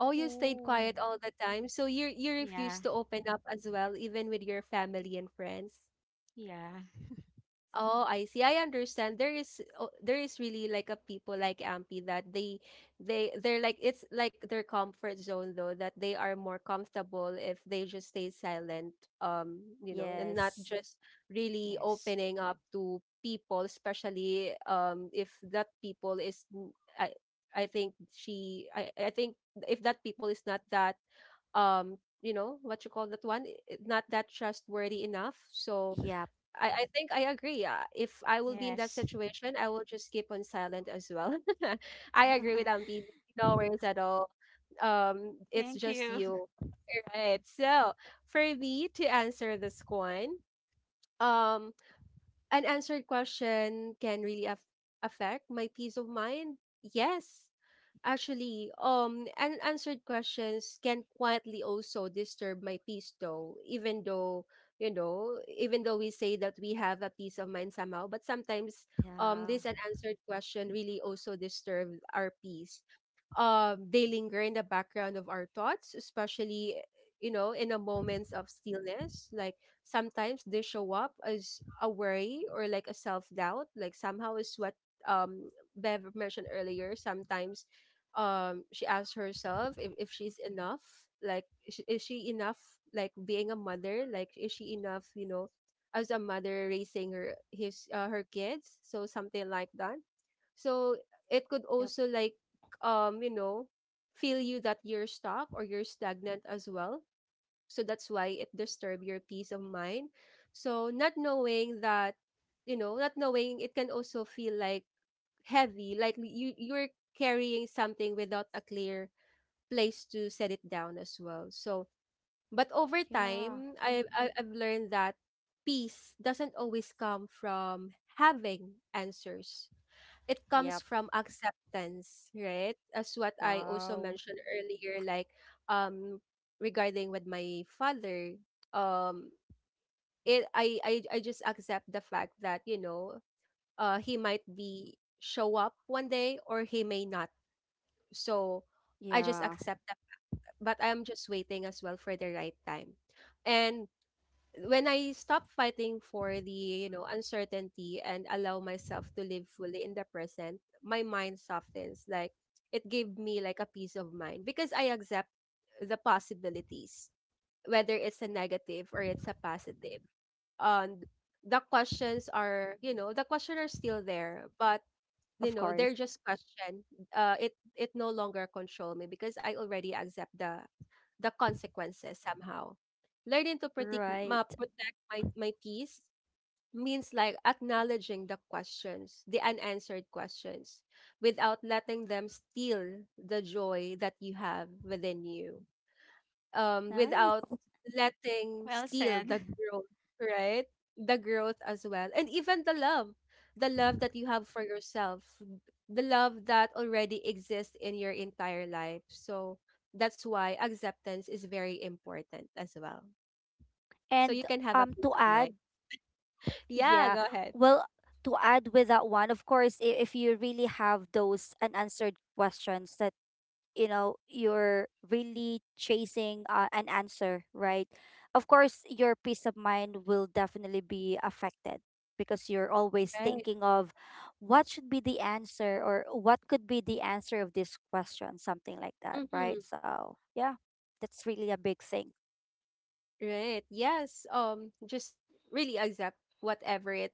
Oh, you stayed
Oh,
quiet all the time. So you refuse
Yeah.
to open up as well, even with your family and friends.
Yeah.
Oh, I see. I understand. There is there is really like a people like Ampy that they they're like — it's like their comfort zone though that they are more comfortable if they just stay silent, you know, and not
yes.
just really
Yes.
opening up to people, especially if that people is I think she — I think if that people is not that, you know, what you call that one, not that trustworthy enough. So,
Yep.
I think I agree. Yeah. If I will be in that
Yes.
situation, I will just keep on silent as well. I agree with Ampin. No worries at all.
Thank
It's
you.
just you. Right. So, for me to answer this one, um, an answered question can really af affect my peace of mind. Yes. Actually, unanswered questions can quietly also disturb my peace, though. Even though, you know, even though we say that we have a peace of mind somehow, but sometimes,
Yeah.
this unanswered question really also disturb our peace. They linger in the background of our thoughts, especially, you know, in a moments of stillness. Like sometimes they show up as a worry, or like a self doubt, like somehow is what um Bev mentioned earlier. Sometimes she asks herself if, she's enough, like is she, enough, like being a mother, like is she enough, you know, as a mother raising her kids, so something like that. So it could
Yep.
also like um you know feel you that you're stuck, or you're stagnant as well. So that's why it disturb your peace of mind. So not knowing that, you know, not knowing it can also feel like heavy, like you — you're carrying something without a clear place to set it down as well. So, but over
Yeah.
time, I've learned that peace doesn't always come from having answers. It comes
Yep.
from acceptance, right, as what I also
Wow.
mentioned earlier. Like, um regarding with my father, um it I just accept the fact that, you know, he might be show up one day, or he may not. So I just
Yeah.
accept that. But I'm just waiting as well for the right time. And when I stop fighting for the, you know, uncertainty, and allow myself to live fully in the present, my mind softens. Like, it gave me like a peace of mind, because I accept the possibilities, whether it's a negative or it's a positive. um the questions are, the question are still there, but,
Of
they're
course.
just question. It no longer control me, because I already accept the consequences somehow. Learning to protect ma,
Right.
protect my my peace means like acknowledging the questions, the unanswered questions, without letting them steal the joy that you have within you,
Nice.
without letting
Well
steal
said.
the growth, right, the growth as well, and even the love, the love that you have for yourself, the love that already exists in your entire life. So that's why acceptance is very important as well, so you
And
can have a peace
to
of
add.
mind. Yeah,
Yeah.
go ahead.
Well, to add with that one, of course, if you really have those unanswered questions that, you know, you're really chasing an answer, right? Of course, your peace of mind will definitely be affected because you're always
Right.
thinking of what should be the answer or what could be the answer of this question, something like that,
Mm-hmm.
right? So, yeah, that's really a big thing.
Right, yes, just really accept whatever it,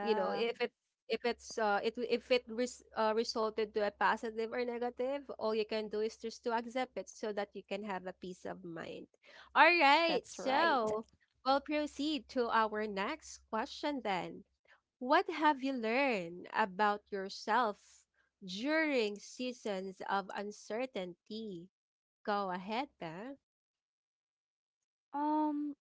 you know, if it's — if it's if it resulted to a positive or negative, all you can do is just to accept it so that you can have a peace of mind. All right.
that's right.
So, we'll proceed to our next question then. What have you learned about yourself during seasons of uncertainty? Go ahead, Ben.
Um,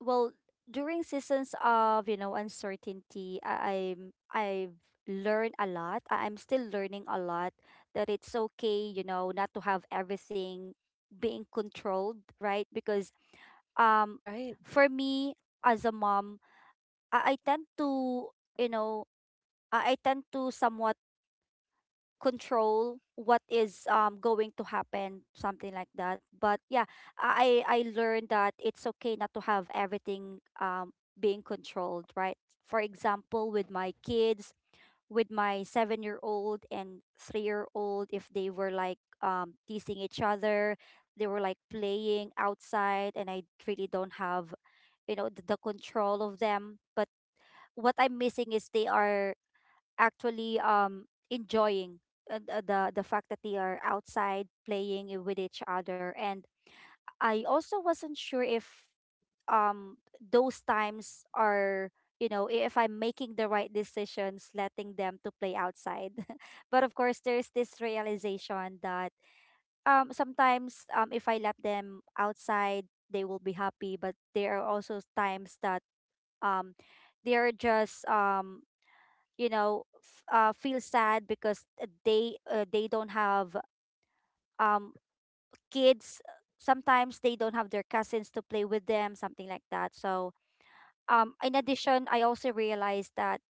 well, during seasons of, you know, uncertainty, I've learned a lot. I'm still learning a lot that it's okay, you know, not to have everything being controlled, right? Because um for me as a mom, I tend to, you know, I tend to somewhat control what is going to happen, something like that. But yeah, I learned that it's okay not to have everything being controlled, right? For example, with my kids, with my 7-year-old and 3-year old, if they were like teasing each other, they were like playing outside, and I really don't have, you know, the control of them. But what I'm missing is they are actually enjoying the fact that they are outside playing with each other. And I also wasn't sure if those times are, you know, if I'm making the right decisions letting them to play outside. But of course, there's this realization that sometimes, if I let them outside, they will be happy, but there are also times that um they're just, you know, feel sad because they don't have um kids. Sometimes they don't have their cousins to play with them, something like that. So in addition, I also realized that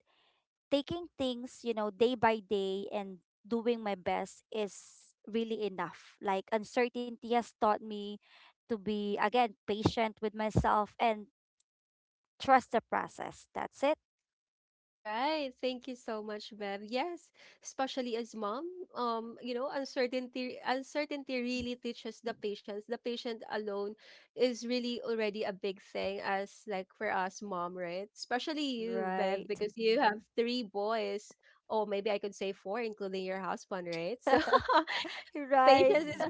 taking things, you know, day by day and doing my best is really enough. Like uncertainty has taught me to be again patient with myself and trust the process. That's it.
Right. Thank you so much, Bev. Yes, especially as mom, you know, uncertainty really teaches the patience. The patient alone is really already a big thing as like for us mom, right? Especially you, Bev,
Right.
because you have three boys. Oh, maybe I could say four, including your husband, right? So
Right.
patience is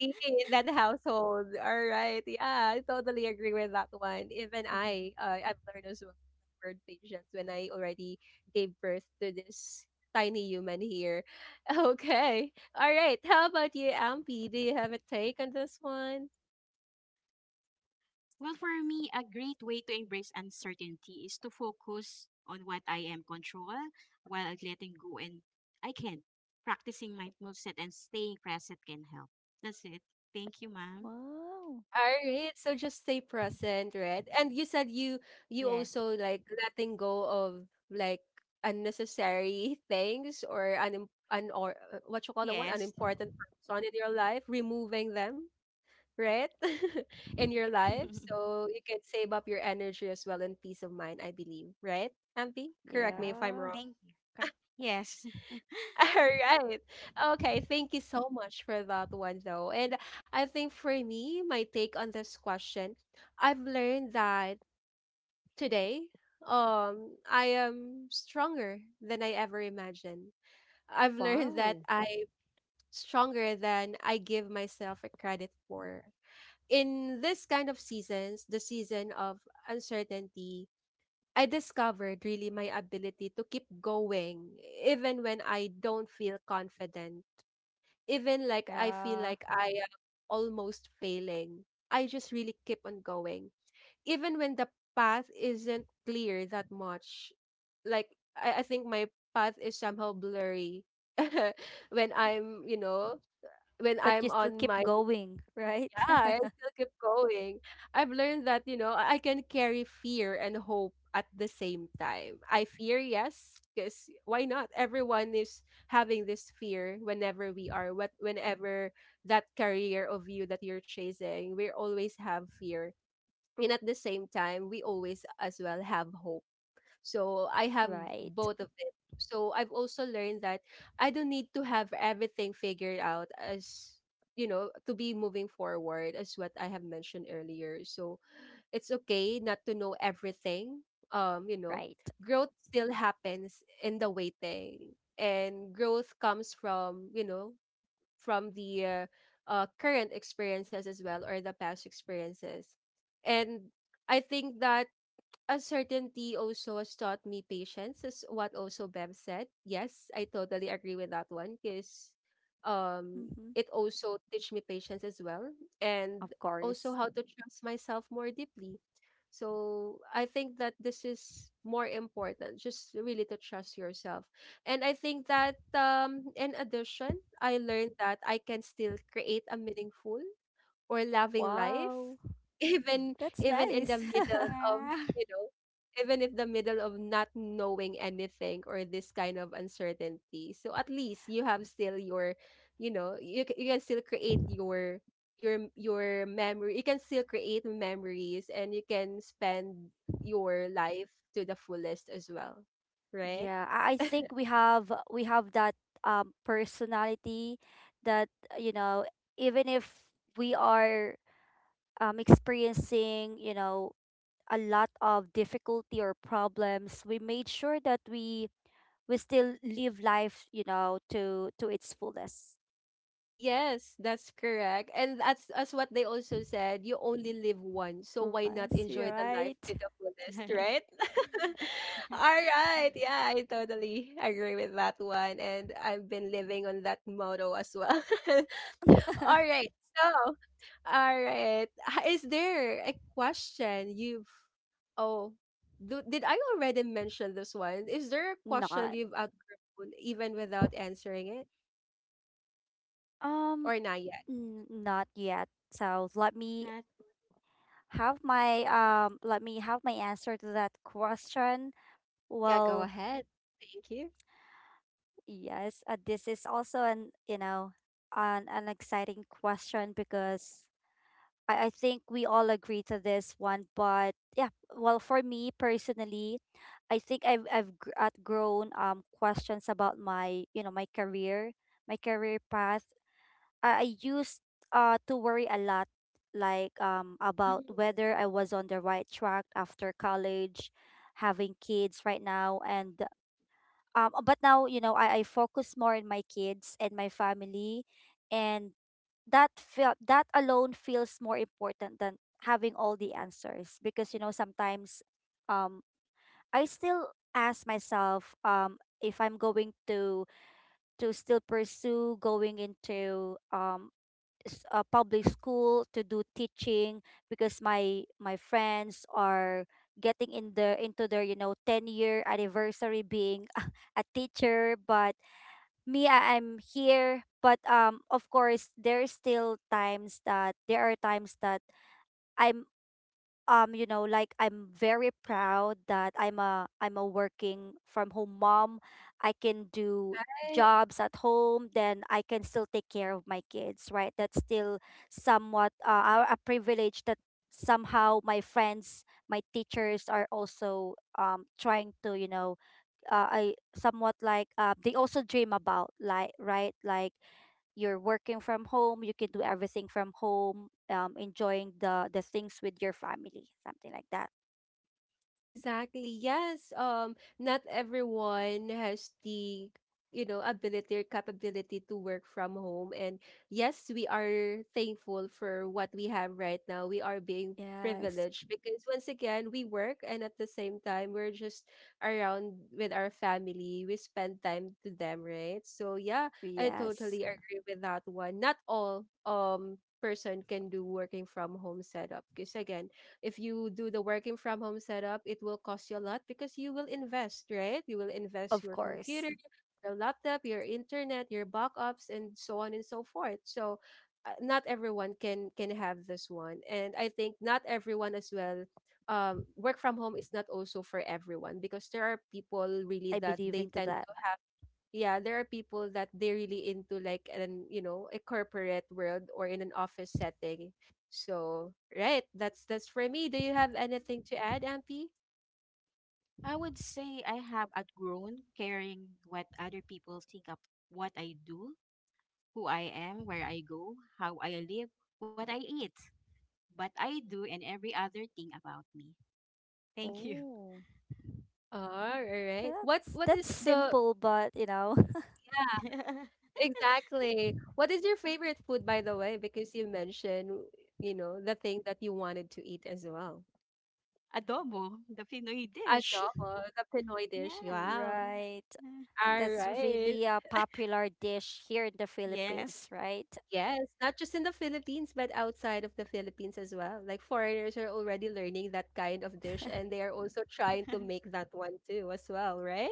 in that household. All right. Yeah, I totally agree with that one. Even I, I've learned as well the word patience when I already gave birth to this tiny human here. Okay. All right. How about you, Ampi? Do you have a take on this one?
Well, for me, a great way to embrace uncertainty is to focus on what I am control while letting go and I can. Practicing mindfulness and staying present can help. That's it. Thank you, ma'am.
Wow.
All right. So just stay present, right? And you said you
Yeah,
you also like letting go of like unnecessary things or un un or what you call that one,
yes.
unimportant person in your life, removing them, right? In your life, so you can save up your energy as well and peace of mind. I believe, right? Ampi, correct me
Right.
if I'm
Yeah.
wrong.
Thank you. Cor- Yes.
All right. Okay. Thank you so much for that one, though. And I think for me, my take on this question, I've learned that today, I am stronger than I ever imagined. I've learned that
Wow.
I'm stronger than I give myself a credit for. In this kind of seasons, the season of uncertainty, I discovered really my ability to keep going even when I don't feel confident, even like I feel
Uh,
like I am almost failing, I just really keep on going. Even when the path isn't clear that much, like I think my path is somehow blurry when I'm, you know, when
but you
I'm
still
on
keep
my
going, right?
I still keep going. I've learned that, you know, I can carry fear and hope at the same time. I fear, yes, because why not? Everyone is having this fear whenever we are, what whenever that career of you that you're chasing, we always have fear. And at the same time, we always as well have hope, so I have
Right,
both of it. So I've also learned that I don't need to have everything figured out, as you know, to be moving forward as what I have mentioned earlier. So it's okay not to know everything. You know,
right.
growth still happens in the waiting, and growth comes from, you know, from the current experiences as well or the past experiences. And I think that uncertainty also has taught me patience, is what also Bev said. Yes, I totally agree with that one because
Mm-hmm.
it also teach me patience as well and
Of
also
course.
how to trust myself more deeply. So I think that this is more important, just really to trust yourself. And I think that in addition, I learned that I can still create a meaningful or loving life
Wow.
even
That's
even in
nice.
the middle of,
Wow.
you know, even if the middle of not knowing anything or this kind of uncertainty, so at least you have still your, you know, you can still create your your memory, you can still create memories, and you can spend your life to the fullest as well, right?
Yeah, I think we have, we have that personality that, you know, even if we are experiencing, you know, a lot of difficulty or problems, we made sure that we still live life, you know, to its fullest.
Yes, that's correct. And that's as what they also said, you only live once, so why not
Once, you're
enjoy the life to
right.
the fullest, right? All right. Yeah, I totally agree with that one. And I've been living on that motto as well. All right. So, all right. Is there a question you've oh do, did I already mention this one? Is there a question
Not.
you've outgrown even without answering it?
Um,
Or not yet?
n- not yet. So let
Not,
me have my let me have my answer to that question.
Yeah, go
Well,
ahead. Thank you.
yes, this is also an, you know, an exciting question because I think we all agree to this one. But yeah, well, for me personally, I think I've outgrown questions about my, you know, my career path. I used to worry a lot, like
Mhm.
about whether I was on the right track after college, having kids right now. And but now, you know, I focus more on my kids and my family, and that felt that alone feels more important than having all the answers, because you know, sometimes um I still ask myself if I'm going to still pursue going into public school to do teaching, because my friends are getting in the into their, you know, 10-year anniversary being a teacher. But me, I'm here. But of course, there's still times that there are times that I'm you know, like I'm very proud that I'm a working from home mom. I can do
Right?
jobs at home, then I can still take care of my kids, right? That's still somewhat, a privilege that somehow my friends, my teachers are also trying to, you know, I somewhat like, they also dream about, like, right, like, you're working from home, you can do everything from home, enjoying the things with your family, something like that.
Exactly. Yes. Not everyone has the, you know, ability or capability to work from home. And yes, we are thankful for what we have right now. We are being
Yes.
privileged because once again, we work and at the same time, we're just around with our family. We spend time to them, right? So yeah, I
Yes.
totally agree with that one. Not all person can do working from home setup because again, if you do the working from home setup, it will cost you a lot because you will invest, right? You will invest
Of
your
course.
computer, your laptop, your internet, your backups, and so on and so forth. So, not everyone can have this one, and I think not everyone as well. Work from home is not also for everyone because there are people really
I
that
believe
they
into
tend
that.
yeah, there are people that they really into like an you know a corporate world or in an office setting. So right, that's for me. Do you have anything to add, Ampy?
I would say I have outgrown caring what other people think of what I do, who I am, where I go, how I live, what I eat, what I do, and every other thing about me. Thank you.
Oh.
All right. What
that's
what
that's
is the
simple but you know.
yeah exactly? What is your favorite food, by the way? Because you mentioned, you know, the thing that you wanted to eat as well.
Adobo, the Pinoy dish.
Adobo, the Pinoy
Yeah.
dish. Wow.
Right.
All
That's
right.
really a popular dish here in the Philippines,
Yes.
right?
Yes, not just in the Philippines, but outside of the Philippines as well. Like foreigners are already learning that kind of dish and they are also trying to make that one too as well, right?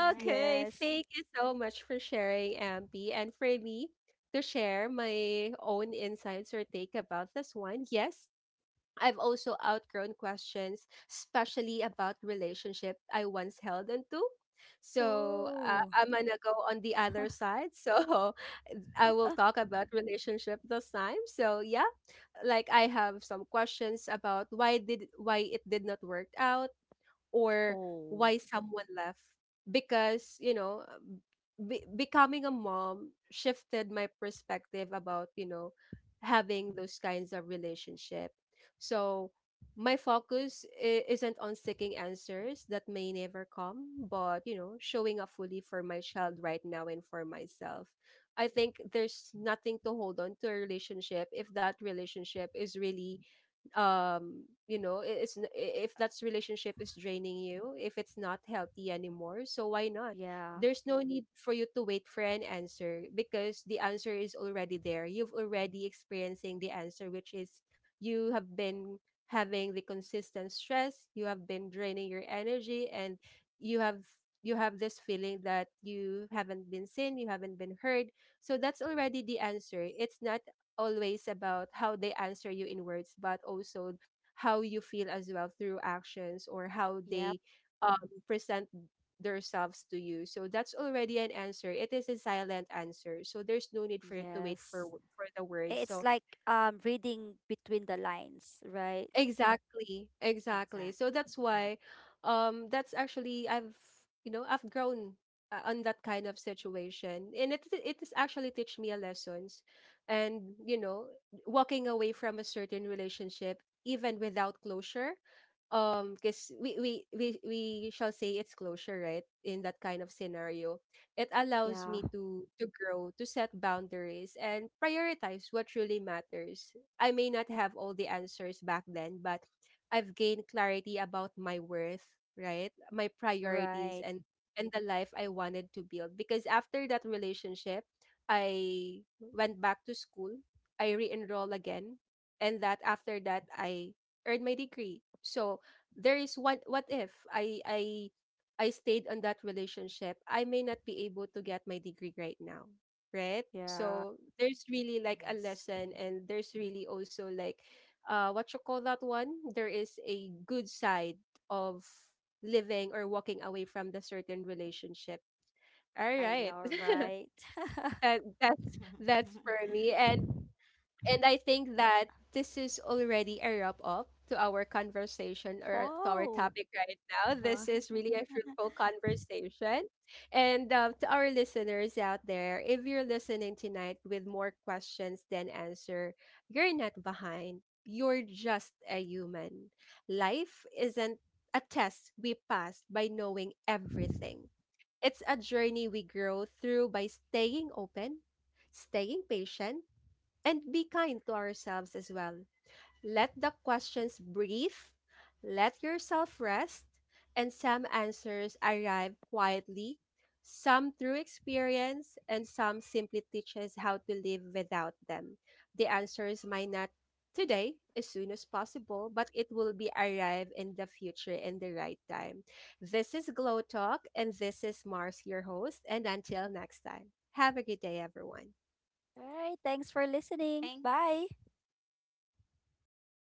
Right.
Okay,
Yes.
thank you so much for sharing, Ampi. And for me to share my own insights or take about this one, yes, I've also outgrown questions, especially about relationship I once held onto. So
Oh.
I'm gonna go on the other side. So I will talk about relationship this time. So yeah, like I have some questions about why it did not work out, or
Oh.
why someone left, because, you know, becoming a mom shifted my perspective about, you know, having those kinds of relationship. So my focus isn't on seeking answers that may never come, but you know, showing up fully for my child right now and for myself. I think there's nothing to hold on to a relationship if that relationship is really, you know, it's if that's relationship is draining you, if it's not healthy anymore, so why not.
Yeah.
There's no need for you to wait for an answer because the answer is already there. You've already experiencing the answer, which is you have been having the consistent stress, you have been draining your energy, and you have you have this feeling that you haven't been seen, you haven't been heard. So that's already the answer. It's not always about how they answer you in words, but also how you feel as well through actions, or how
Yep.
they um, present themselves to you. So that's already an answer. It is a silent answer. So there's no need for you to wait for
Yes.
for the words.
It's
So
like reading between the lines, right?
exactly, exactly.
Exact.
So that's why, that's actually I've, you know, I've grown on that kind of situation, and it has actually teach me a lessons, and you know, walking away from a certain relationship even without closure, because we shall say it's closure, right? In that kind of scenario, it allows
Yeah,
me to grow, to set boundaries, and prioritize what really matters. I may not have all the answers back then, but I've gained clarity about my worth, right? My priorities
right.
and the life I wanted to build. Because after that relationship, I went back to school. I re-enroll again, and that after that I earned my degree. So there is one. What if I stayed on that relationship? I may not be able to get my degree right now, right?
Yeah,
So there's really like a
Yes.
lesson, and there's really also like, uh, what you call that one? There is a good side of living or walking away from the certain relationship. All
I know,
right.
right?
that that's that's for me. And I think that this is already a wrap up to our conversation or to our
Wow.
topic right now. This is really a fruitful conversation. And to our listeners out there, if you're listening tonight with more questions than answer, you're not behind. You're just a human. Life isn't a test we pass by knowing everything. It's a journey we grow through by staying open, staying patient, and be kind to ourselves as well. Let the questions breathe, let yourself rest, and some answers arrive quietly, some through experience, and some simply teach us how to live without them. The answers might not today as soon as possible, but it will be arrive in the future in the right time. This is Glow Talk, and this is Mars, your host. And until next time, have a good day, everyone.
All right, thanks for listening.
thank,
Bye.
Thank you. Bye.